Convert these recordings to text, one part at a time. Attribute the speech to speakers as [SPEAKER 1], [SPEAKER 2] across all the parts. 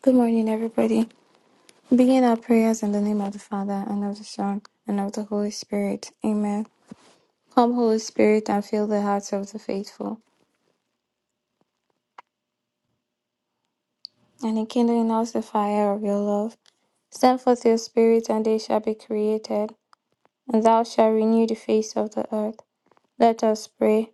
[SPEAKER 1] Good morning, everybody. Begin our prayers in the name of the Father, and of the Son, and of the Holy Spirit. Amen. Come, Holy Spirit, and fill the hearts of the faithful, and enkindle in us the fire of your love. Send forth your Spirit, and they shall be created, and thou shalt renew the face of the earth. Let us pray.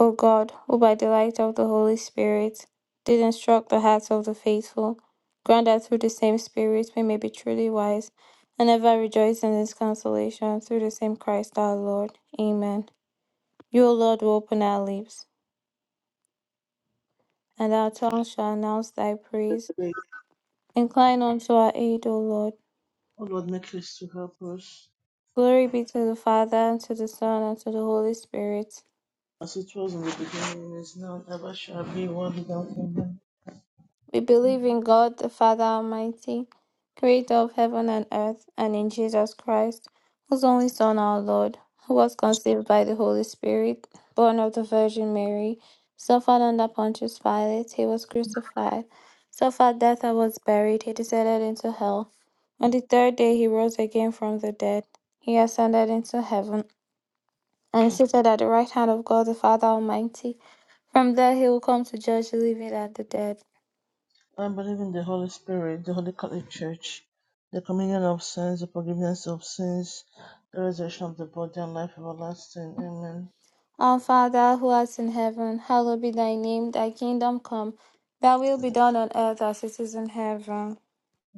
[SPEAKER 1] O God, who by the light of the Holy Spirit did instruct the hearts of the faithful, grant that through the same Spirit we may be truly wise and ever rejoice in His consolation through the same Christ our Lord. Amen. You, O Lord, will open our lips, and our tongue shall announce Thy praise.
[SPEAKER 2] grace,
[SPEAKER 1] Incline unto our aid, O Lord.
[SPEAKER 2] O Lord, make haste to help us,
[SPEAKER 1] Glory be to the Father, and to the Son, and to the Holy Spirit
[SPEAKER 2] as it was in the beginning, is now, and ever shall be, world without end.
[SPEAKER 1] We believe in God, the Father Almighty, creator of heaven and earth, and in Jesus Christ, whose only Son, our Lord, who was conceived by the Holy Spirit, born of the Virgin Mary, suffered under Pontius Pilate, he was crucified, suffered death and was buried, he descended into hell. On the third day he rose again from the dead. He ascended into heaven and is seated at the right hand of God the Father Almighty. From there he will come to judge the living and the dead.
[SPEAKER 2] I believe in the Holy Spirit, the Holy Catholic Church, the communion of saints, the forgiveness of sins, the resurrection of the body, and life everlasting. Amen.
[SPEAKER 1] Our Father who art in heaven, hallowed be thy name, thy kingdom come, thy will be done on earth as it is in heaven.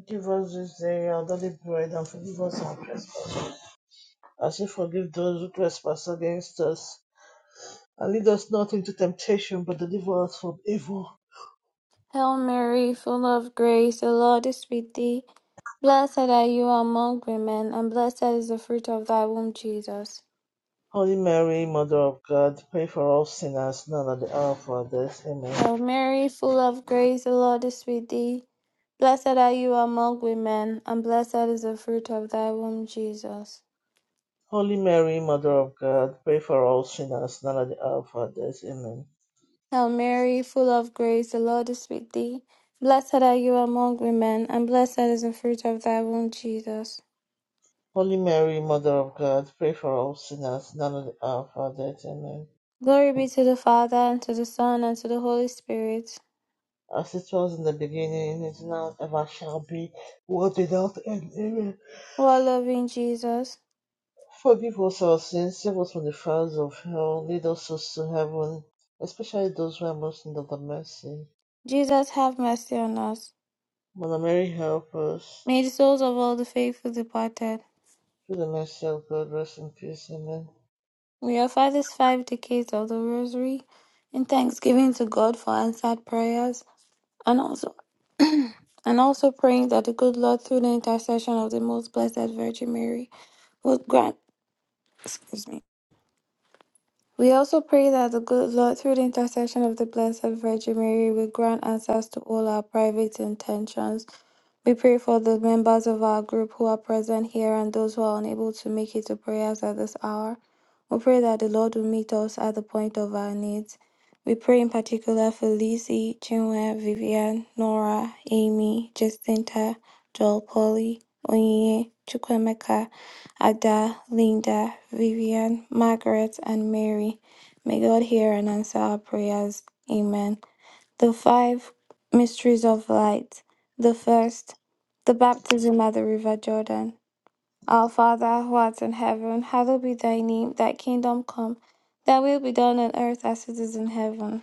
[SPEAKER 2] Give us this day our daily bread, and forgive us our trespasses, as we forgive those who trespass against us. And lead us not into temptation, but deliver us from evil.
[SPEAKER 1] Hail Mary, full of grace, the Lord is with thee. Blessed are you among women, and blessed is the fruit of thy womb, Jesus.
[SPEAKER 2] Holy Mary, Mother of God, pray for us sinners now and at the hour of our death. Amen.
[SPEAKER 1] Hail Mary, full of grace, the Lord is with thee. Blessed are you among women, and blessed is the fruit of thy womb, Jesus.
[SPEAKER 2] Holy Mary, Mother of God, pray for us sinners now and at the hour of our death. Amen.
[SPEAKER 1] Hail Mary, full of grace, the Lord is with thee. Blessed are you among women, and blessed is the fruit of thy womb, Jesus.
[SPEAKER 2] Holy Mary, Mother of God, pray for us sinners now and at the hour of our death. Amen.
[SPEAKER 1] Glory be to the Father, and to the Son, and to the Holy Spirit.
[SPEAKER 2] As it was in the beginning, is now, ever shall be, world without end. Amen.
[SPEAKER 1] O our loving Jesus,
[SPEAKER 2] Forgive us our sins, save us from the fires of hell, lead us to heaven, especially those who are most in need of the mercy.
[SPEAKER 1] Jesus, have mercy on us.
[SPEAKER 2] Mother Mary, help us.
[SPEAKER 1] May the souls of all the faithful departed.
[SPEAKER 2] Through the mercy of God, rest in peace. Amen.
[SPEAKER 1] We offer these five decades of the Rosary in thanksgiving to God for answered prayers, and also and also praying that the good Lord, through the intercession of the Most Blessed Virgin Mary, would grant Excuse me. We also pray that the good Lord, through the intercession of the Blessed Virgin Mary, will grant answers to all our private intentions we pray for the members of our group who are present here and those who are unable to make it to prayers at this hour. We pray that the Lord will meet us at the point of our needs. We pray in particular for Lizzie, Chinwe, Vivian, Nora, Amy, Jacinta, Joel Polly, Onyinye, Chukwemeka, Ada, Linda, Vivian, Margaret, and Mary. May God hear and answer our prayers. Amen the five mysteries of light. The first, the baptism at the river Jordan. Our Father who art in heaven, hallowed be thy name, thy kingdom come, thy will be done on earth as it is in heaven.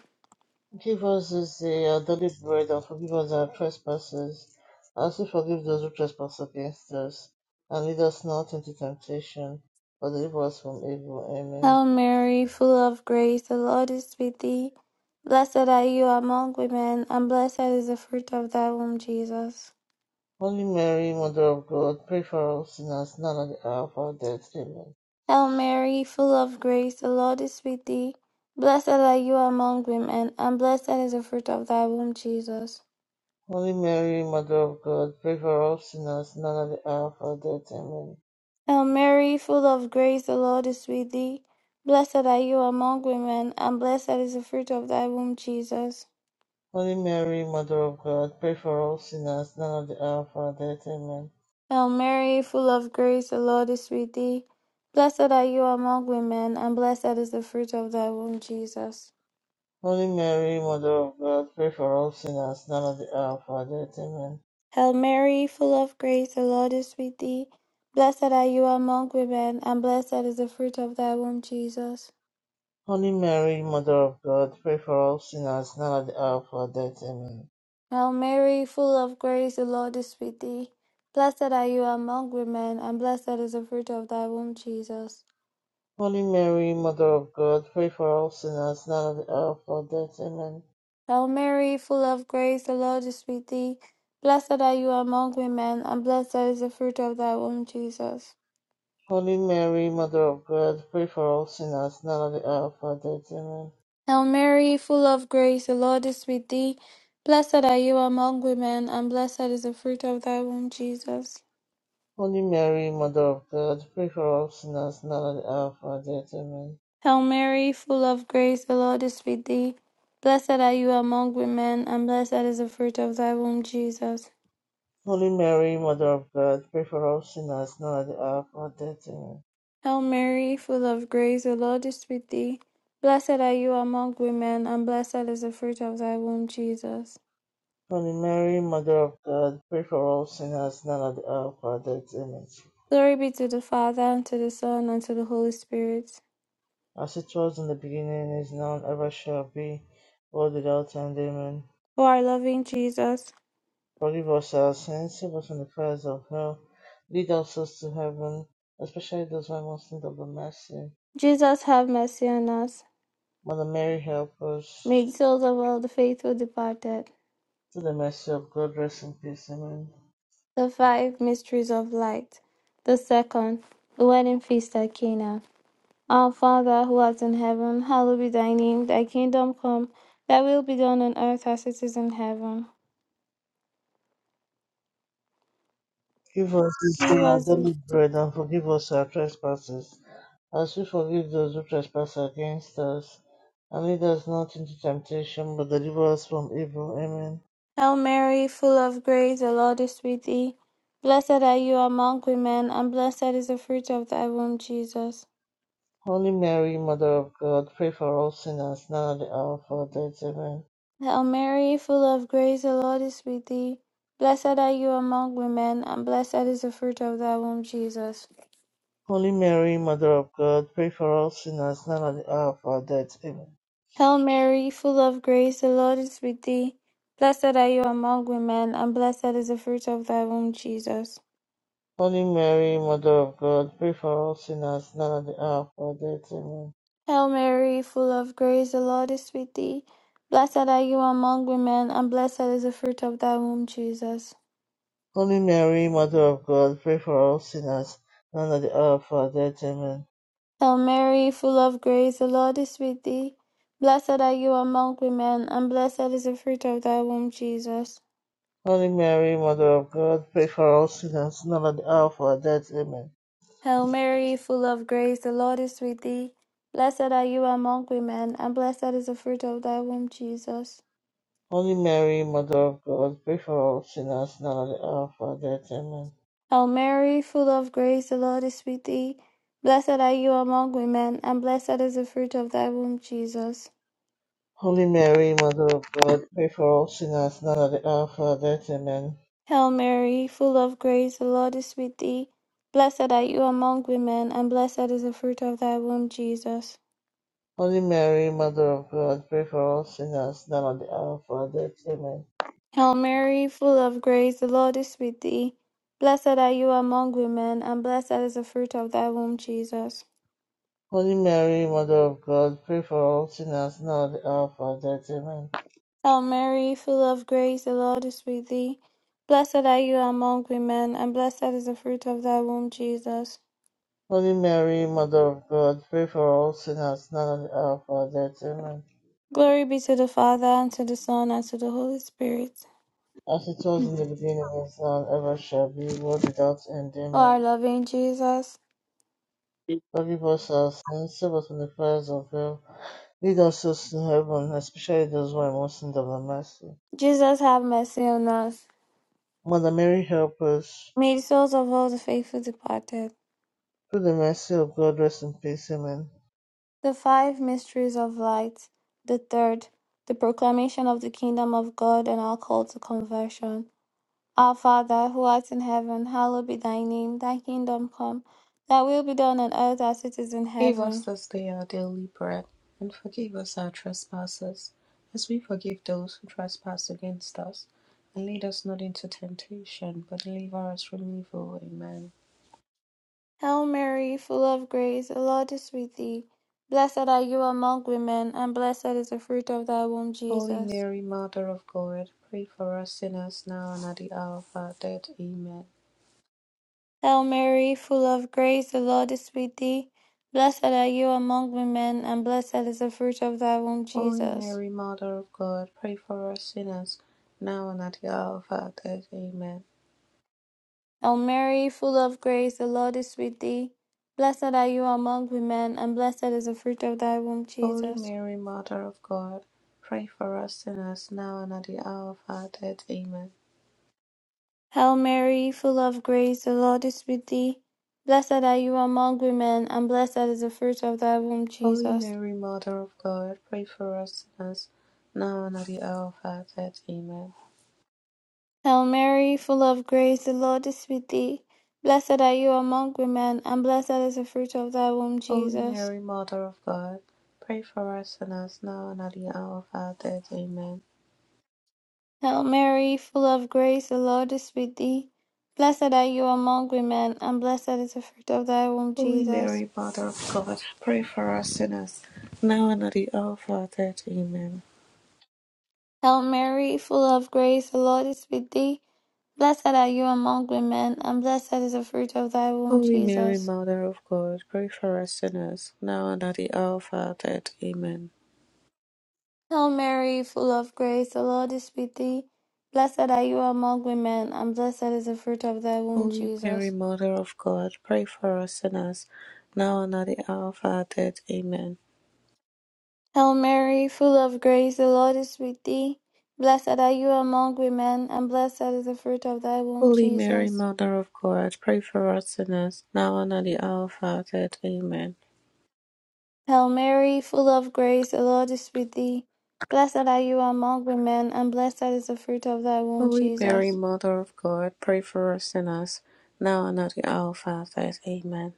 [SPEAKER 2] Give us this day our daily bread and forgive us our trespasses, as we forgive those who trespass against us. And lead us not into temptation, but deliver us from evil. Amen.
[SPEAKER 1] Hail Mary, full of grace, the Lord is with thee. Blessed are you among women, and blessed is the fruit of thy womb, Jesus.
[SPEAKER 2] Holy Mary, Mother of God, pray for us sinners now and at the hour of our death. Amen.
[SPEAKER 1] Hail Mary, full of grace, the Lord is with thee. Blessed are you among women, and blessed is the fruit of thy womb, Jesus.
[SPEAKER 2] Holy Mary, Mother of God, pray for us sinners now and at the hour of our death. Amen.
[SPEAKER 1] Hail Mary, full of grace, the Lord is with thee. Blessed are you among women, and blessed is the fruit of thy womb, Jesus.
[SPEAKER 2] Holy Mary, Mother of God, pray for us sinners now and at the hour of our death. Amen.
[SPEAKER 1] Hail Mary, full of grace, the Lord is with thee. Blessed are you among women, and blessed is the fruit of thy womb, Jesus.
[SPEAKER 2] Holy Mary, Mother of God, pray for all sinners, now at the hour of our death. Amen.
[SPEAKER 1] Hail Mary, full of grace, the Lord is with thee. Blessed are you among women, and blessed is the fruit of thy womb, Jesus.
[SPEAKER 2] Holy Mary, Mother of God, pray for all sinners, now at the hour of our death. Amen.
[SPEAKER 1] Hail Mary, full of grace, the Lord is with thee. Blessed are you among women, and blessed is the fruit of thy womb, Jesus.
[SPEAKER 2] Holy Mary, Mother of God, pray for all sinners, now at the hour of our death. Amen.
[SPEAKER 1] Hail Mary, full of grace, the Lord is with thee. Blessed are you among women, and blessed is the fruit of thy womb, Jesus.
[SPEAKER 2] Holy Mary, Mother of God, pray for all sinners, now at the hour of our death. Amen.
[SPEAKER 1] Hail Mary, full of grace, the Lord is with thee. Blessed are you among women, and blessed is the fruit of thy womb, Jesus.
[SPEAKER 2] Holy Mary, Mother of God, pray for all sinners, now at the hour of our death. Amen.
[SPEAKER 1] Hail Mary, full of grace, the Lord is with thee. Blessed are you among women, and blessed is the fruit of thy womb, Jesus.
[SPEAKER 2] Holy Mary, Mother of God, pray for all sinners, now at the hour of our death. Amen.
[SPEAKER 1] Hail Mary, full of grace, the Lord is with thee. Blessed are you among women, and blessed is the fruit of thy womb, Jesus.
[SPEAKER 2] Holy Mary, Mother of God, pray for all sinners now at the hour of our death. Amen.
[SPEAKER 1] Glory be to the Father, and to the Son, and to the Holy Spirit.
[SPEAKER 2] As it was in the beginning, is now, and ever shall be, world without end. Amen.
[SPEAKER 1] O our loving Jesus,
[SPEAKER 2] Forgive us our sins, save us from the fires of hell, lead our souls to heaven, especially those who are most in need of the mercy.
[SPEAKER 1] Jesus, have mercy on us.
[SPEAKER 2] Mother Mary, help us.
[SPEAKER 1] Make souls of all the faithful departed.
[SPEAKER 2] To the mercy of God, rest in peace. Amen.
[SPEAKER 1] The five mysteries of light. The second, the wedding feast at Cana. Our Father who art in heaven, hallowed be thy name. Thy kingdom come, thy will be done on earth as it is in heaven.
[SPEAKER 2] Give us this day
[SPEAKER 1] Give
[SPEAKER 2] our
[SPEAKER 1] us this-
[SPEAKER 2] daily bread, and forgive us our trespasses As we forgive those who trespass against us, and lead us not into temptation, but deliver us from evil. Amen.
[SPEAKER 1] Hail Mary, full of grace, the Lord is with thee. Blessed are you among women, and blessed is the fruit of thy womb, Jesus.
[SPEAKER 2] Holy Mary, Mother of God, pray for all sinners now and at the hour of our death. Amen.
[SPEAKER 1] Hail Mary, full of grace, the Lord is with thee. Blessed are you among women, and blessed is the fruit of thy womb, Jesus.
[SPEAKER 2] Holy Mary, Mother of God, pray for all sinners now and at the hour of our death. Amen.
[SPEAKER 1] Hail Mary, full of grace, the Lord is with thee. Blessed are you among women, and blessed is the fruit of thy womb, Jesus.
[SPEAKER 2] Holy Mary, Mother of God, pray for all sinners now and at the hour of our death. Amen.
[SPEAKER 1] Hail Mary, full of grace, the Lord is with thee. Blessed are you among women, and blessed is the fruit of thy womb, Jesus.
[SPEAKER 2] Holy Mary, Mother of God, pray for all sinners now and at the hour of our death. Amen.
[SPEAKER 1] Hail Mary, full of grace, the Lord is with thee. Blessed are you among women, and blessed is the fruit of thy womb, Jesus.
[SPEAKER 2] Holy Mary, Mother of God, pray for all sinners, now at the hour of our death. Amen.
[SPEAKER 1] Hail Mary, full of grace, the Lord is with thee. Blessed are you among women, and blessed is the fruit of thy womb, Jesus.
[SPEAKER 2] Holy Mary, Mother of God, pray for all sinners, now at the hour of our death. Amen.
[SPEAKER 1] Hail Mary, full of grace, the Lord is with thee. Blessed are you among women, and blessed is the fruit of thy womb, Jesus.
[SPEAKER 2] Holy Mary, Mother of God, pray for all sinners, now at the hour of our death. Amen.
[SPEAKER 1] Hail Mary, full of grace, the Lord is with thee. Blessed are you among women, and blessed is the fruit of thy womb, Jesus.
[SPEAKER 2] Holy Mary, Mother of God, pray for all sinners, now at the hour of our death. Amen.
[SPEAKER 1] Hail Mary, full of grace, the Lord is with thee. Blessed are you among women, and blessed is the fruit of thy womb, Jesus.
[SPEAKER 2] Holy Mary, Mother of God, pray for all sinners, now at the hour of our death. Amen.
[SPEAKER 1] Hail Mary, full of grace, the Lord is with thee. Blessed are you among women, and blessed is the fruit of thy womb, Jesus.
[SPEAKER 2] Holy Mary, Mother of God, pray for all sinners, now at the hour of our death. Amen.
[SPEAKER 1] Glory be to the Father, and to the Son, and to the Holy Spirit.
[SPEAKER 2] As it was in the beginning, is now, and ever shall be, world without end.
[SPEAKER 1] O our
[SPEAKER 2] Amen.
[SPEAKER 1] loving Jesus,
[SPEAKER 2] Forgive us our sins, save us from the fires of hell, lead us to heaven, especially those who are most in need of mercy.
[SPEAKER 1] Jesus, have mercy on us.
[SPEAKER 2] Mother Mary, help us.
[SPEAKER 1] May the souls of all the faithful departed.
[SPEAKER 2] Through the mercy of God, rest in peace. Amen.
[SPEAKER 1] The five mysteries of light. The third, the proclamation of the kingdom of God and our call to conversion. Our Father, who art in heaven, hallowed be thy name. Thy kingdom come, thy will be done on earth as it is in
[SPEAKER 3] Give us
[SPEAKER 1] heaven.
[SPEAKER 3] this day our daily bread, and forgive us our trespasses, as we forgive those who trespass against us. And lead us not into temptation, but deliver us from evil. Amen.
[SPEAKER 1] Hail Mary, full of grace, the Lord is with thee. Blessed are you among women, and blessed is the fruit of thy womb,
[SPEAKER 3] Holy
[SPEAKER 1] Jesus.
[SPEAKER 3] Mary, Mother of God, pray for us sinners now and at the hour of our death. Amen.
[SPEAKER 1] Hail Mary, full of grace, the Lord is with thee. Blessed are you among women, and blessed is the fruit of thy womb,
[SPEAKER 3] Holy
[SPEAKER 1] Jesus.
[SPEAKER 3] Mary, Mother of God, pray for us sinners now and at the hour of our death. Amen.
[SPEAKER 1] Hail Mary, full of grace, the Lord is with thee. Blessed are you among women, and blessed is the fruit of thy womb,
[SPEAKER 3] Holy
[SPEAKER 1] Jesus.
[SPEAKER 3] Mary, Mother of God, pray for us sinners now and at the hour of our death. Amen.
[SPEAKER 1] Hail Mary, full of grace, the Lord is with thee. Blessed are you among women, and blessed is the fruit of thy womb,
[SPEAKER 3] Holy
[SPEAKER 1] Jesus.
[SPEAKER 3] Mary, Mother of God, pray for us sinners, now and at the hour of our death. Amen.
[SPEAKER 1] Hail Mary, full of grace, the Lord is with thee. Blessed are you among women, and blessed is the fruit of thy womb,
[SPEAKER 3] Holy
[SPEAKER 1] Jesus.
[SPEAKER 3] Mary, Mother of God, pray for us sinners, now and at the hour of our death. Amen.
[SPEAKER 1] Hail Mary, full of grace, the Lord is with thee. Blessed are you among women, and blessed is the fruit of thy womb,
[SPEAKER 3] Holy
[SPEAKER 1] Jesus.
[SPEAKER 3] Mary, Mother of God, pray for us sinners, now and at the hour of our death. Amen.
[SPEAKER 1] Hail Mary, full of grace, the Lord is with thee. Blessed are you among women, and blessed is the fruit of thy womb,
[SPEAKER 3] Holy Mary,
[SPEAKER 1] Jesus.
[SPEAKER 3] Mother of God, pray for us sinners, now and at the hour of our death. Amen.
[SPEAKER 1] Hail Mary, full of grace, the Lord is with thee. Blessed are you among women, and blessed is the fruit of thy womb,
[SPEAKER 3] Holy Mary,
[SPEAKER 1] Jesus.
[SPEAKER 3] Mother of God, pray for us sinners, now and at the hour of our death. Amen.
[SPEAKER 1] Hail Mary, full of grace, the Lord is with thee. Blessed are you among women, and blessed is the fruit of thy womb,
[SPEAKER 3] Holy Mary,
[SPEAKER 1] Jesus.
[SPEAKER 3] Mother of God, pray for us sinners, now and at the hour of our death. Amen.
[SPEAKER 1] Hail Mary, full of grace, the Lord is with thee. Blessed are you among women, and blessed is the fruit of thy womb,
[SPEAKER 3] Holy Mary,
[SPEAKER 1] Jesus.
[SPEAKER 3] Mother of God, pray for us sinners, now and at the hour of our death. Amen.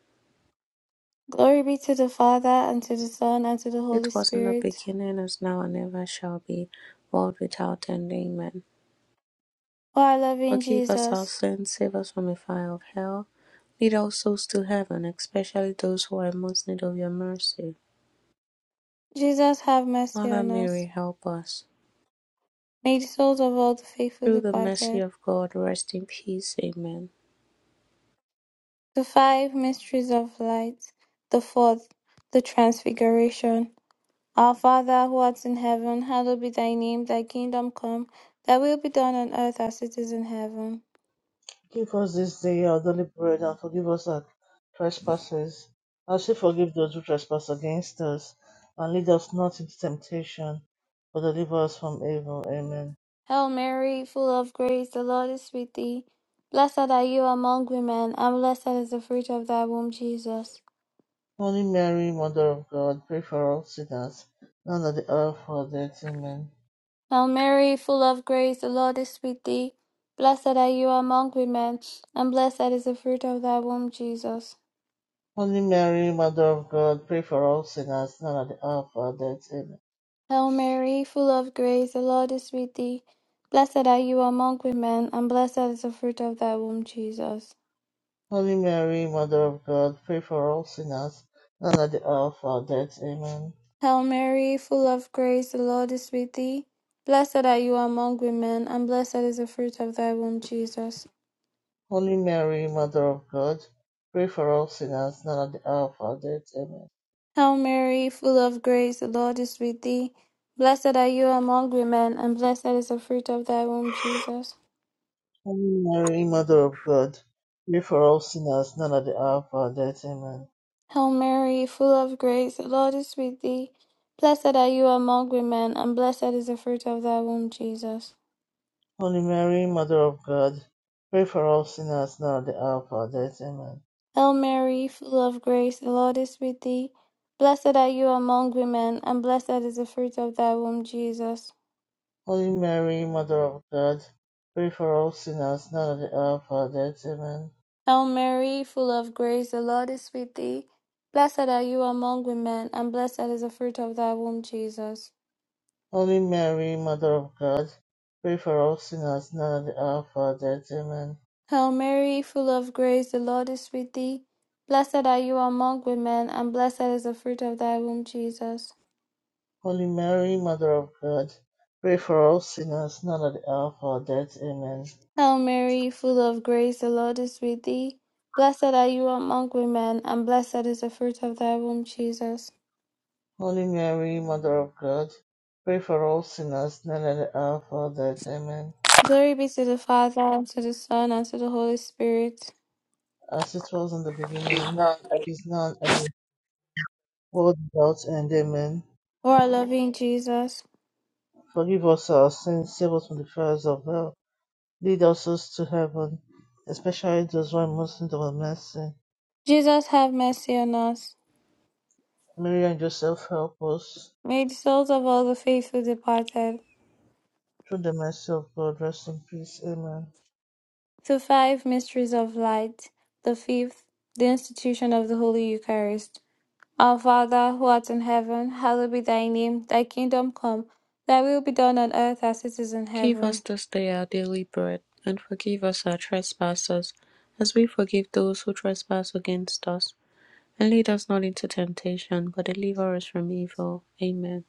[SPEAKER 1] Glory be to the Father, and to the Son, and to the
[SPEAKER 3] It
[SPEAKER 1] Holy
[SPEAKER 3] was in the
[SPEAKER 1] Spirit.
[SPEAKER 3] beginning, is now, and ever shall be, world without end. Amen.
[SPEAKER 1] O our loving
[SPEAKER 3] Forgive us our
[SPEAKER 1] Jesus,
[SPEAKER 3] sins, save us from the fire of hell. Lead all souls to heaven, especially those who are in most need of your mercy.
[SPEAKER 1] Jesus, have mercy
[SPEAKER 3] Mother
[SPEAKER 1] on us.
[SPEAKER 3] Mary, help us.
[SPEAKER 1] May the souls of all the faithful
[SPEAKER 3] Through the mercy
[SPEAKER 1] departed.
[SPEAKER 3] of God, rest in peace. Amen.
[SPEAKER 1] The five mysteries of light. The fourth, the transfiguration. Our Father, who art in heaven, hallowed be thy name. Thy kingdom come, thy will be done on earth as it is in heaven.
[SPEAKER 2] Give us this day our daily bread, and forgive us our trespasses, as we forgive those who trespass against us. And lead us not into temptation, but deliver us from evil. Amen.
[SPEAKER 1] Hail Mary, full of grace, the Lord is with thee. Blessed are you among women, and blessed is the fruit of thy womb, Jesus.
[SPEAKER 2] Holy Mary, Mother of God, pray for us sinners, now at the hour of our death. Amen.
[SPEAKER 1] Hail Mary, full of grace, the Lord is with thee. Blessed are you among women, and blessed is the fruit of thy womb, Jesus.
[SPEAKER 2] Holy Mary, Mother of God, pray for us sinners, now at the hour of our death. Amen.
[SPEAKER 1] Hail Mary, full of grace, the Lord is with thee. Blessed are you among women, and blessed is the fruit of thy womb, Jesus.
[SPEAKER 2] Holy Mary, Mother of God, pray for us sinners, now at the hour of our death. Amen.
[SPEAKER 1] Hail Mary, full of grace, the Lord is with thee. Blessed are you among women, and blessed is the fruit of thy womb, Jesus.
[SPEAKER 2] Holy Mary, Mother of God, pray for us sinners, now at the hour of our death. Amen.
[SPEAKER 1] Hail Mary, full of grace, the Lord is with thee. Blessed are you among women, and blessed is the fruit of thy womb, Jesus.
[SPEAKER 2] Holy Mary, Mother of God, pray for us sinners, now at the hour of our death. Amen.
[SPEAKER 1] Hail Mary, full of grace, the Lord is with thee. Blessed are you among women, and blessed is the fruit of thy womb, Jesus.
[SPEAKER 2] Holy Mary, Mother of God, pray for us sinners now at the hour of our death. Amen.
[SPEAKER 1] Hail Mary, full of grace, the Lord is with thee. Blessed are you among women, and blessed is the fruit of thy womb, Jesus.
[SPEAKER 2] Holy Mary, Mother of God, pray for us sinners now at the hour of our death. Amen.
[SPEAKER 1] Hail Mary, full of grace, the Lord is with thee. Blessed are you among women, and blessed is the fruit of thy womb, Jesus.
[SPEAKER 2] Holy Mary, Mother of God, pray for us sinners now at the hour of our death. Amen.
[SPEAKER 1] Hail Mary, full of grace, the Lord is with thee. Blessed are you among women, and blessed is the fruit of thy womb, Jesus.
[SPEAKER 2] Holy Mary, Mother of God, pray for us sinners now at the hour of our death. Amen.
[SPEAKER 1] Hail Mary, full of grace, the Lord is with thee. Blessed are you among women, and blessed is the fruit of thy womb, Jesus.
[SPEAKER 2] Holy Mary, Mother of God, pray for us sinners now at the hour of our death. Amen.
[SPEAKER 1] Glory be to the Father, and to the Son, and to the Holy Spirit.
[SPEAKER 2] as it was in the beginning, is now, and will world without end. Amen.
[SPEAKER 1] O our loving Jesus,
[SPEAKER 2] Forgive us our sins, save us from the fires of hell, lead us souls to heaven, especially those who are most in need of mercy.
[SPEAKER 1] Jesus, have mercy on us.
[SPEAKER 2] Mary and Joseph, help us.
[SPEAKER 1] May the souls of all the faithful departed,
[SPEAKER 2] Through the mercy of God, rest in peace. Amen.
[SPEAKER 1] the five mysteries of light, the fifth, the institution of the Holy Eucharist. Our Father, who art in heaven, hallowed be thy name, thy kingdom come, thy will be done on earth as it is in
[SPEAKER 3] Give us
[SPEAKER 1] heaven.
[SPEAKER 3] this day our daily bread, and forgive us our trespasses, as we forgive those who trespass against us. And lead us not into temptation, but deliver us from evil. Amen.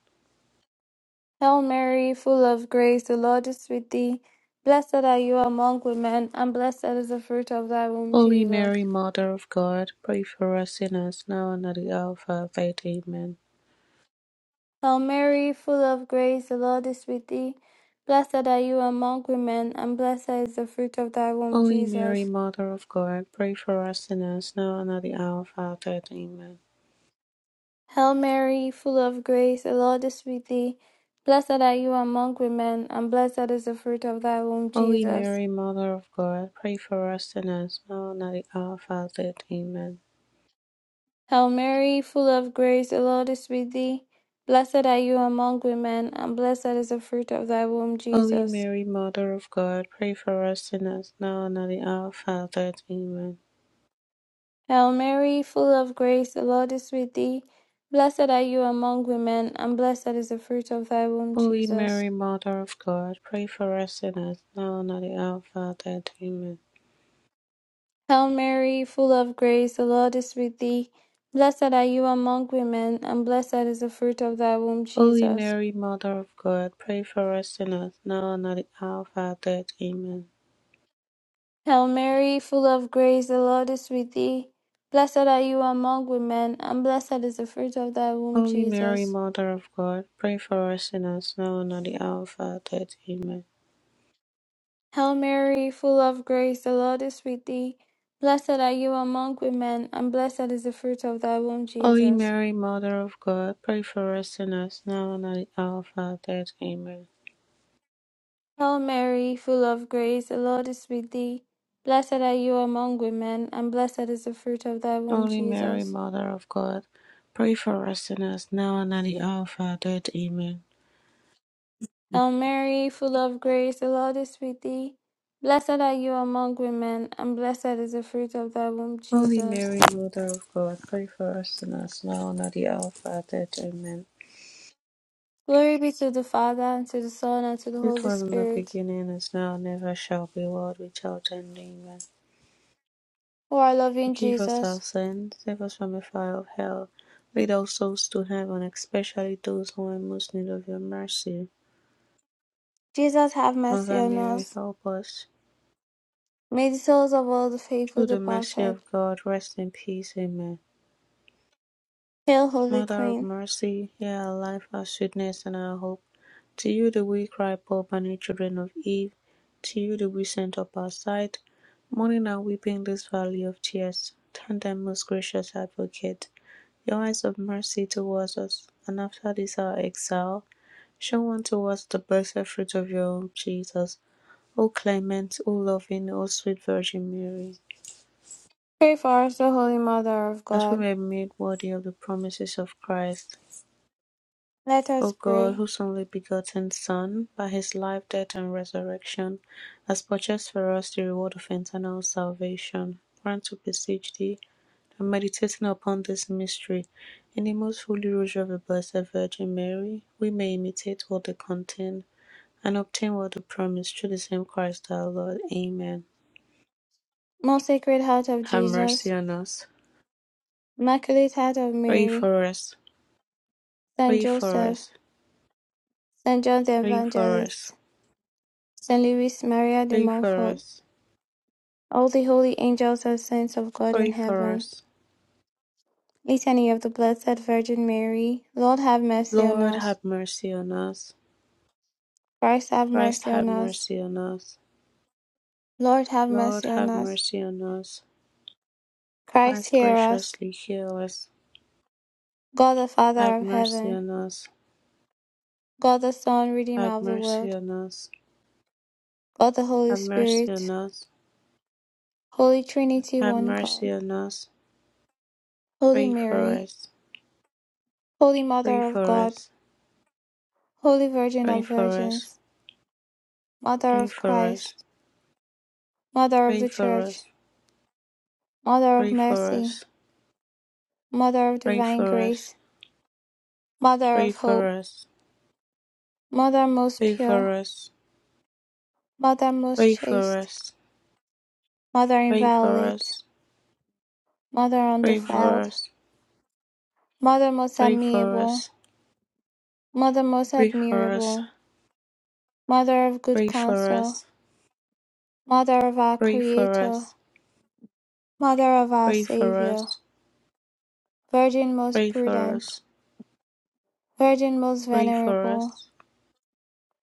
[SPEAKER 1] Hail Mary, full of grace, the Lord is with thee. Blessed are you among women, and blessed is the fruit of thy womb,
[SPEAKER 3] Holy
[SPEAKER 1] Jesus.
[SPEAKER 3] Mary, Mother of God, pray for us sinners, now and at the hour of our death. Amen.
[SPEAKER 1] Hail Mary, full of grace, the Lord is with thee. Blessed are you among women, and blessed is the fruit of thy womb,
[SPEAKER 3] Holy Mary,
[SPEAKER 1] Jesus.
[SPEAKER 3] Mother of God, pray for us sinners, now and at the hour of our death. Amen.
[SPEAKER 1] Hail Mary, full of grace, the Lord is with thee. Blessed are you among women, and blessed is the fruit of thy womb,
[SPEAKER 3] Holy
[SPEAKER 1] Jesus.
[SPEAKER 3] Mary, Mother of God, pray for us sinners, now and at the hour of our death. Amen.
[SPEAKER 1] Hail Mary, full of grace, the Lord is with thee. Blessed are you among women, and blessed is the fruit of thy womb,
[SPEAKER 3] Holy
[SPEAKER 1] Jesus.
[SPEAKER 3] Mary, Mother of God, pray for us sinners, now and at the hour of our death. Amen.
[SPEAKER 1] Hail Mary, full of grace, the Lord is with thee. Blessed are you among women, and blessed is the fruit of thy womb,
[SPEAKER 3] Holy
[SPEAKER 1] Jesus.
[SPEAKER 3] Mary, Mother of God, pray for us sinners, now and at the hour of our death. Amen.
[SPEAKER 1] Hail Mary, full of grace, the Lord is with thee. Blessed are you among women, and blessed is the fruit of thy womb,
[SPEAKER 3] Holy
[SPEAKER 1] Jesus.
[SPEAKER 3] Mary, Mother of God, pray for us sinners, now and at the hour of our death. Amen.
[SPEAKER 1] Hail Mary, full of grace, the Lord is with thee. Blessed are you among women, and blessed is the fruit of thy womb,
[SPEAKER 3] Holy Mary,
[SPEAKER 1] Jesus.
[SPEAKER 3] Mother of God, pray for us sinners, now and at the hour of our death. Amen.
[SPEAKER 1] Hail Mary, full of grace, the Lord is with thee. Blessed are you among women, and blessed is the fruit of thy womb,
[SPEAKER 3] Holy
[SPEAKER 1] Jesus.
[SPEAKER 3] Mary, Mother of God, pray for us sinners, now and at the hour of our death. Amen.
[SPEAKER 1] Hail Mary, full of grace, the Lord is with thee. Blessed are you among women, and blessed is the fruit of thy womb,
[SPEAKER 3] Holy Mary,
[SPEAKER 1] Jesus.
[SPEAKER 3] Mother of God, pray for us sinners now and at the hour of our death. Amen.
[SPEAKER 1] Hail Mary, full of grace, the Lord is with thee. Blessed are you among women, and blessed is the fruit of thy womb,
[SPEAKER 3] Holy
[SPEAKER 1] Jesus.
[SPEAKER 3] Mary, Mother of God, pray for us sinners now and at the hour of our death. Amen.
[SPEAKER 1] Glory be to the Father, and to the Son, and to the
[SPEAKER 3] It
[SPEAKER 1] Holy
[SPEAKER 3] was in the
[SPEAKER 1] Spirit,
[SPEAKER 3] beginning, is now, and ever shall be, world without end. Amen.
[SPEAKER 1] who are loving
[SPEAKER 3] Forgive us
[SPEAKER 1] Jesus.
[SPEAKER 3] our sins, save us from the fire of hell. Lead all souls to heaven, especially those who are in most need of your mercy.
[SPEAKER 1] Jesus have mercy
[SPEAKER 3] Mother
[SPEAKER 1] on
[SPEAKER 3] Mary,
[SPEAKER 1] us.
[SPEAKER 3] help us.
[SPEAKER 1] May the souls of all the faithful
[SPEAKER 3] Through the mercy
[SPEAKER 1] departed.
[SPEAKER 3] of God, rest in peace. Amen.
[SPEAKER 1] Hail, Holy
[SPEAKER 3] Mother of
[SPEAKER 1] Queen.
[SPEAKER 3] mercy, hear our life, our sweetness, and our hope. To you do we cry, poor banished children of Eve. To you do we send up our sight, mourning and weeping this valley of tears. Turn then, most gracious advocate, your eyes of mercy towards us, and after this our exile, show unto us the blessed fruit of your womb, Jesus. O clement, O loving, O sweet Virgin Mary,
[SPEAKER 1] Pray for us, the Holy Mother of
[SPEAKER 3] that we
[SPEAKER 1] God.
[SPEAKER 3] may be made worthy of the promises of Christ.
[SPEAKER 1] Let
[SPEAKER 3] O
[SPEAKER 1] us
[SPEAKER 3] God,
[SPEAKER 1] pray.
[SPEAKER 3] whose only begotten Son, by his life, death, and resurrection, has purchased for us the reward of eternal salvation, grant, to beseech thee, that meditating upon this mystery, in the most holy rosary of the Blessed Virgin Mary, we may imitate what they contain, and obtain what they promise, through the same Christ our Lord. Amen.
[SPEAKER 1] Most Sacred Heart of
[SPEAKER 3] Have mercy
[SPEAKER 1] Jesus,
[SPEAKER 3] on us.
[SPEAKER 1] Immaculate Heart of
[SPEAKER 3] Pray
[SPEAKER 1] Mary,
[SPEAKER 3] for us.
[SPEAKER 1] Saint
[SPEAKER 3] Pray for
[SPEAKER 1] Joseph,
[SPEAKER 3] us.
[SPEAKER 1] Saint John the
[SPEAKER 3] Pray for us.
[SPEAKER 1] Evangelist, Saint Louis Maria de
[SPEAKER 3] Pray for
[SPEAKER 1] Montfort,
[SPEAKER 3] us.
[SPEAKER 1] all the holy angels and saints of God in
[SPEAKER 3] Pray for
[SPEAKER 1] heaven.
[SPEAKER 3] us.
[SPEAKER 1] Litany of the Blessed Virgin Mary, Lord have mercy on
[SPEAKER 3] Lord
[SPEAKER 1] us.
[SPEAKER 3] have mercy on us.
[SPEAKER 1] Christ have
[SPEAKER 3] Christ
[SPEAKER 1] mercy
[SPEAKER 3] have
[SPEAKER 1] on us.
[SPEAKER 3] mercy on us.
[SPEAKER 1] Lord have
[SPEAKER 3] Lord
[SPEAKER 1] mercy on
[SPEAKER 3] have
[SPEAKER 1] us.
[SPEAKER 3] mercy on us.
[SPEAKER 1] Christ
[SPEAKER 3] Christ
[SPEAKER 1] hear us.
[SPEAKER 3] graciously heal us.
[SPEAKER 1] God the Father
[SPEAKER 3] Have
[SPEAKER 1] of
[SPEAKER 3] mercy
[SPEAKER 1] heaven,
[SPEAKER 3] on us.
[SPEAKER 1] God the Son, Redeemer
[SPEAKER 3] Have
[SPEAKER 1] of the
[SPEAKER 3] mercy
[SPEAKER 1] world,
[SPEAKER 3] on us.
[SPEAKER 1] God the Holy
[SPEAKER 3] Have mercy on
[SPEAKER 1] Spirit,
[SPEAKER 3] us.
[SPEAKER 1] Holy Trinity,
[SPEAKER 3] Have
[SPEAKER 1] one God,
[SPEAKER 3] mercy on us.
[SPEAKER 1] Holy
[SPEAKER 3] Pray for
[SPEAKER 1] Mary,
[SPEAKER 3] us.
[SPEAKER 1] Holy
[SPEAKER 3] Pray
[SPEAKER 1] Mother of
[SPEAKER 3] for
[SPEAKER 1] God,
[SPEAKER 3] us.
[SPEAKER 1] Holy Virgin
[SPEAKER 3] Pray
[SPEAKER 1] of
[SPEAKER 3] for us.
[SPEAKER 1] Virgins, Mother
[SPEAKER 3] Pray
[SPEAKER 1] of
[SPEAKER 3] for us.
[SPEAKER 1] Christ, Mother of
[SPEAKER 3] Pray
[SPEAKER 1] the
[SPEAKER 3] for
[SPEAKER 1] Church,
[SPEAKER 3] us.
[SPEAKER 1] Mother of
[SPEAKER 3] Pray for
[SPEAKER 1] Mercy,
[SPEAKER 3] us.
[SPEAKER 1] Mother of
[SPEAKER 3] Pray
[SPEAKER 1] Divine
[SPEAKER 3] for us.
[SPEAKER 1] Grace, Mother
[SPEAKER 3] Pray
[SPEAKER 1] of
[SPEAKER 3] for
[SPEAKER 1] Hope,
[SPEAKER 3] us.
[SPEAKER 1] Mother most
[SPEAKER 3] Pray
[SPEAKER 1] pure,
[SPEAKER 3] for us.
[SPEAKER 1] Mother most
[SPEAKER 3] Pray for
[SPEAKER 1] chaste,
[SPEAKER 3] us.
[SPEAKER 1] Mother
[SPEAKER 3] Pray for
[SPEAKER 1] inviolate,
[SPEAKER 3] us.
[SPEAKER 1] Mother
[SPEAKER 3] Pray for
[SPEAKER 1] undefiled,
[SPEAKER 3] us.
[SPEAKER 1] Mother most
[SPEAKER 3] Pray for
[SPEAKER 1] amiable,
[SPEAKER 3] us,
[SPEAKER 1] Mother most
[SPEAKER 3] pray for us,
[SPEAKER 1] admirable, Mother of good
[SPEAKER 3] pray for
[SPEAKER 1] counsel,
[SPEAKER 3] us,
[SPEAKER 1] Mother of our
[SPEAKER 3] pray for
[SPEAKER 1] Creator,
[SPEAKER 3] us,
[SPEAKER 1] Mother of our
[SPEAKER 3] pray for
[SPEAKER 1] Saviour,
[SPEAKER 3] us,
[SPEAKER 1] Virgin most
[SPEAKER 3] pray for
[SPEAKER 1] prudent,
[SPEAKER 3] us,
[SPEAKER 1] Virgin most
[SPEAKER 3] pray for
[SPEAKER 1] venerable,
[SPEAKER 3] us,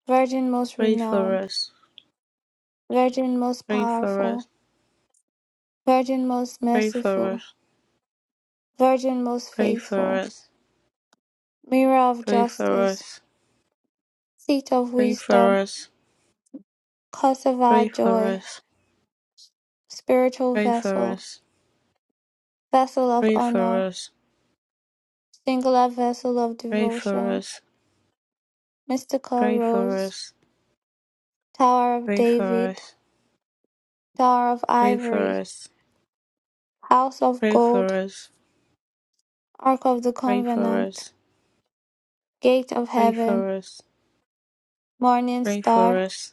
[SPEAKER 1] Virgin most
[SPEAKER 3] pray for
[SPEAKER 1] renowned,
[SPEAKER 3] us,
[SPEAKER 1] Virgin most
[SPEAKER 3] pray for us,
[SPEAKER 1] powerful, Virgin most
[SPEAKER 3] pray for
[SPEAKER 1] merciful,
[SPEAKER 3] us,
[SPEAKER 1] Virgin most
[SPEAKER 3] pray for
[SPEAKER 1] faithful,
[SPEAKER 3] us,
[SPEAKER 1] Mirror of
[SPEAKER 3] pray for
[SPEAKER 1] justice,
[SPEAKER 3] us,
[SPEAKER 1] Seat of
[SPEAKER 3] pray for
[SPEAKER 1] wisdom,
[SPEAKER 3] us,
[SPEAKER 1] Cause of our
[SPEAKER 3] pray for us, pray for
[SPEAKER 1] joy,
[SPEAKER 3] us,
[SPEAKER 1] Spiritual
[SPEAKER 3] pray for us, pray for
[SPEAKER 1] vessel,
[SPEAKER 3] us,
[SPEAKER 1] Vessel of
[SPEAKER 3] pray for
[SPEAKER 1] honor,
[SPEAKER 3] us,
[SPEAKER 1] Singular vessel of
[SPEAKER 3] pray for
[SPEAKER 1] devotion,
[SPEAKER 3] us, pray
[SPEAKER 1] Mystical
[SPEAKER 3] for
[SPEAKER 1] rose,
[SPEAKER 3] us,
[SPEAKER 1] Tower of
[SPEAKER 3] pray for us,
[SPEAKER 1] David, Tower of
[SPEAKER 3] pray for
[SPEAKER 1] Ivory,
[SPEAKER 3] us,
[SPEAKER 1] House of
[SPEAKER 3] pray
[SPEAKER 1] Gold, Ark of the Covenant, Gate of
[SPEAKER 3] for
[SPEAKER 1] Heaven,
[SPEAKER 3] us,
[SPEAKER 1] Morning
[SPEAKER 3] pray for
[SPEAKER 1] Star,
[SPEAKER 3] us.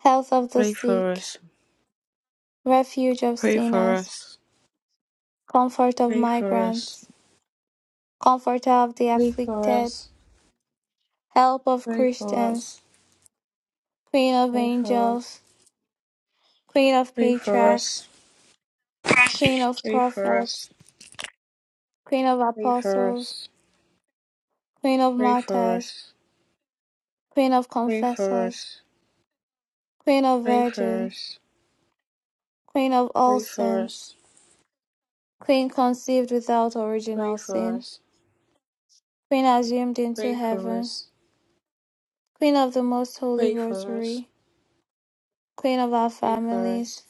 [SPEAKER 1] Health of the
[SPEAKER 3] Pray for
[SPEAKER 1] Sick,
[SPEAKER 3] us.
[SPEAKER 1] Refuge of
[SPEAKER 3] Pray for
[SPEAKER 1] Sinners,
[SPEAKER 3] us.
[SPEAKER 1] Comfort of
[SPEAKER 3] Pray for us.
[SPEAKER 1] Migrants, Comforter of the
[SPEAKER 3] Pray for
[SPEAKER 1] Afflicted,
[SPEAKER 3] us.
[SPEAKER 1] Help of
[SPEAKER 3] Pray for
[SPEAKER 1] Christians,
[SPEAKER 3] us.
[SPEAKER 1] Queen of
[SPEAKER 3] Pray for us.
[SPEAKER 1] Angels, Queen of
[SPEAKER 3] Pray for us.
[SPEAKER 1] Patriarchs, Queen of
[SPEAKER 3] Pray for us.
[SPEAKER 1] Prophets, Queen of
[SPEAKER 3] Pray for
[SPEAKER 1] Apostles,
[SPEAKER 3] us.
[SPEAKER 1] Queen of
[SPEAKER 3] Pray for
[SPEAKER 1] Martyrs,
[SPEAKER 3] us.
[SPEAKER 1] Queen of
[SPEAKER 3] Pray for
[SPEAKER 1] Confessors,
[SPEAKER 3] us.
[SPEAKER 1] Queen of
[SPEAKER 3] Pray for
[SPEAKER 1] Virgins,
[SPEAKER 3] us.
[SPEAKER 1] Queen of all
[SPEAKER 3] Pray for
[SPEAKER 1] saints,
[SPEAKER 3] us.
[SPEAKER 1] Queen conceived without
[SPEAKER 3] Pray
[SPEAKER 1] original
[SPEAKER 3] for
[SPEAKER 1] sin,
[SPEAKER 3] us.
[SPEAKER 1] Queen assumed into
[SPEAKER 3] Pray for
[SPEAKER 1] heaven,
[SPEAKER 3] us.
[SPEAKER 1] Queen of the Most Holy
[SPEAKER 3] Pray for us.
[SPEAKER 1] Rosary, Queen of our
[SPEAKER 3] Pray for us.
[SPEAKER 1] families,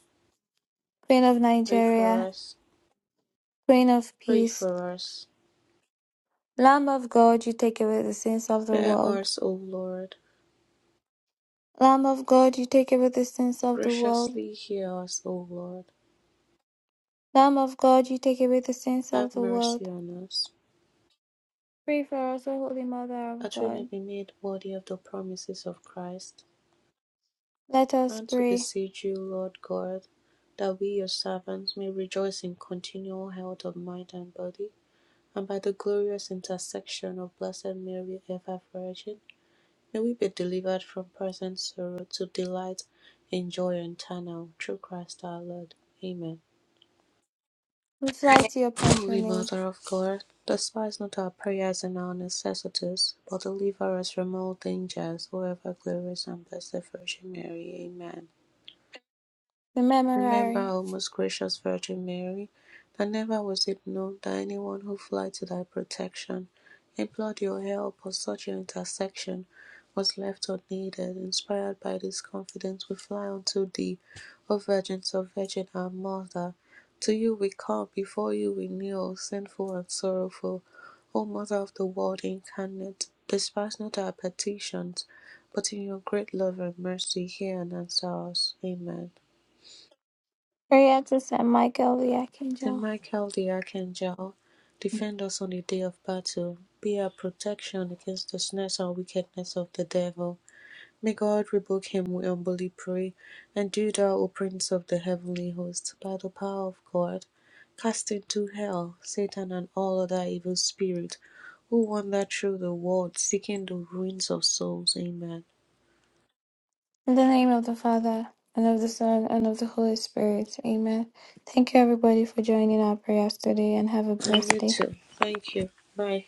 [SPEAKER 1] Queen of
[SPEAKER 3] Pray for
[SPEAKER 1] Nigeria,
[SPEAKER 3] us.
[SPEAKER 1] Queen of
[SPEAKER 3] Pray
[SPEAKER 1] peace,
[SPEAKER 3] for us.
[SPEAKER 1] Lamb of God, you take away the sins of the
[SPEAKER 3] Spare
[SPEAKER 1] world.
[SPEAKER 3] us, O Lord.
[SPEAKER 1] Lamb of God, you take away the sins of the world.
[SPEAKER 3] Graciously hear us, O Lord.
[SPEAKER 1] Lamb of God, you take away the sins
[SPEAKER 3] Have
[SPEAKER 1] of the world.
[SPEAKER 3] mercy on us.
[SPEAKER 1] Pray for us, O Holy Mother of
[SPEAKER 3] That we may
[SPEAKER 1] God.
[SPEAKER 3] be made worthy of the promises of Christ,
[SPEAKER 1] Let us
[SPEAKER 3] grant, we
[SPEAKER 1] pray.
[SPEAKER 3] beseech you, Lord God, that we, your servants, may rejoice in continual health of mind and body, and by the glorious intercession of Blessed Mary, ever Virgin, may we be delivered from present sorrow to delight in joy eternal, through Christ our Lord. Amen.
[SPEAKER 1] We fly to your
[SPEAKER 3] Holy
[SPEAKER 1] patronage,
[SPEAKER 3] Mother of God, despise not our prayers and our necessities, but deliver us from all dangers, O ever glorious and blessed Virgin Mary. Amen.
[SPEAKER 1] the
[SPEAKER 3] Remember,
[SPEAKER 1] memorare
[SPEAKER 3] O most gracious Virgin Mary, that never was it known that anyone who fled to thy protection, implored your help, or sought your intercession, was left unneeded. Inspired by this confidence, we fly unto thee, O Virgin, so Virgin, our Mother. To you we come, before you we kneel, sinful and sorrowful. O Mother of the Word incarnate, despise not our petitions, but in your great love and mercy hear and answer us. Amen.
[SPEAKER 1] Prayer to Saint Michael the
[SPEAKER 3] Saint
[SPEAKER 1] Archangel.
[SPEAKER 3] Michael the Archangel, defend us on the day of battle. Be our protection against the snares and wickedness of the devil. May God rebuke him, we humbly pray. And do thou, O Prince of the heavenly host, by the power of God, cast into hell Satan and all other evil spirits who wander through the world seeking the ruins of souls. Amen.
[SPEAKER 1] In the name of the Father, and of the Son, and of the Holy Spirit. Amen. Thank you, everybody, for joining our prayers today, and have a
[SPEAKER 3] And
[SPEAKER 1] blessed
[SPEAKER 3] you
[SPEAKER 1] day.
[SPEAKER 3] too. Thank you. Bye.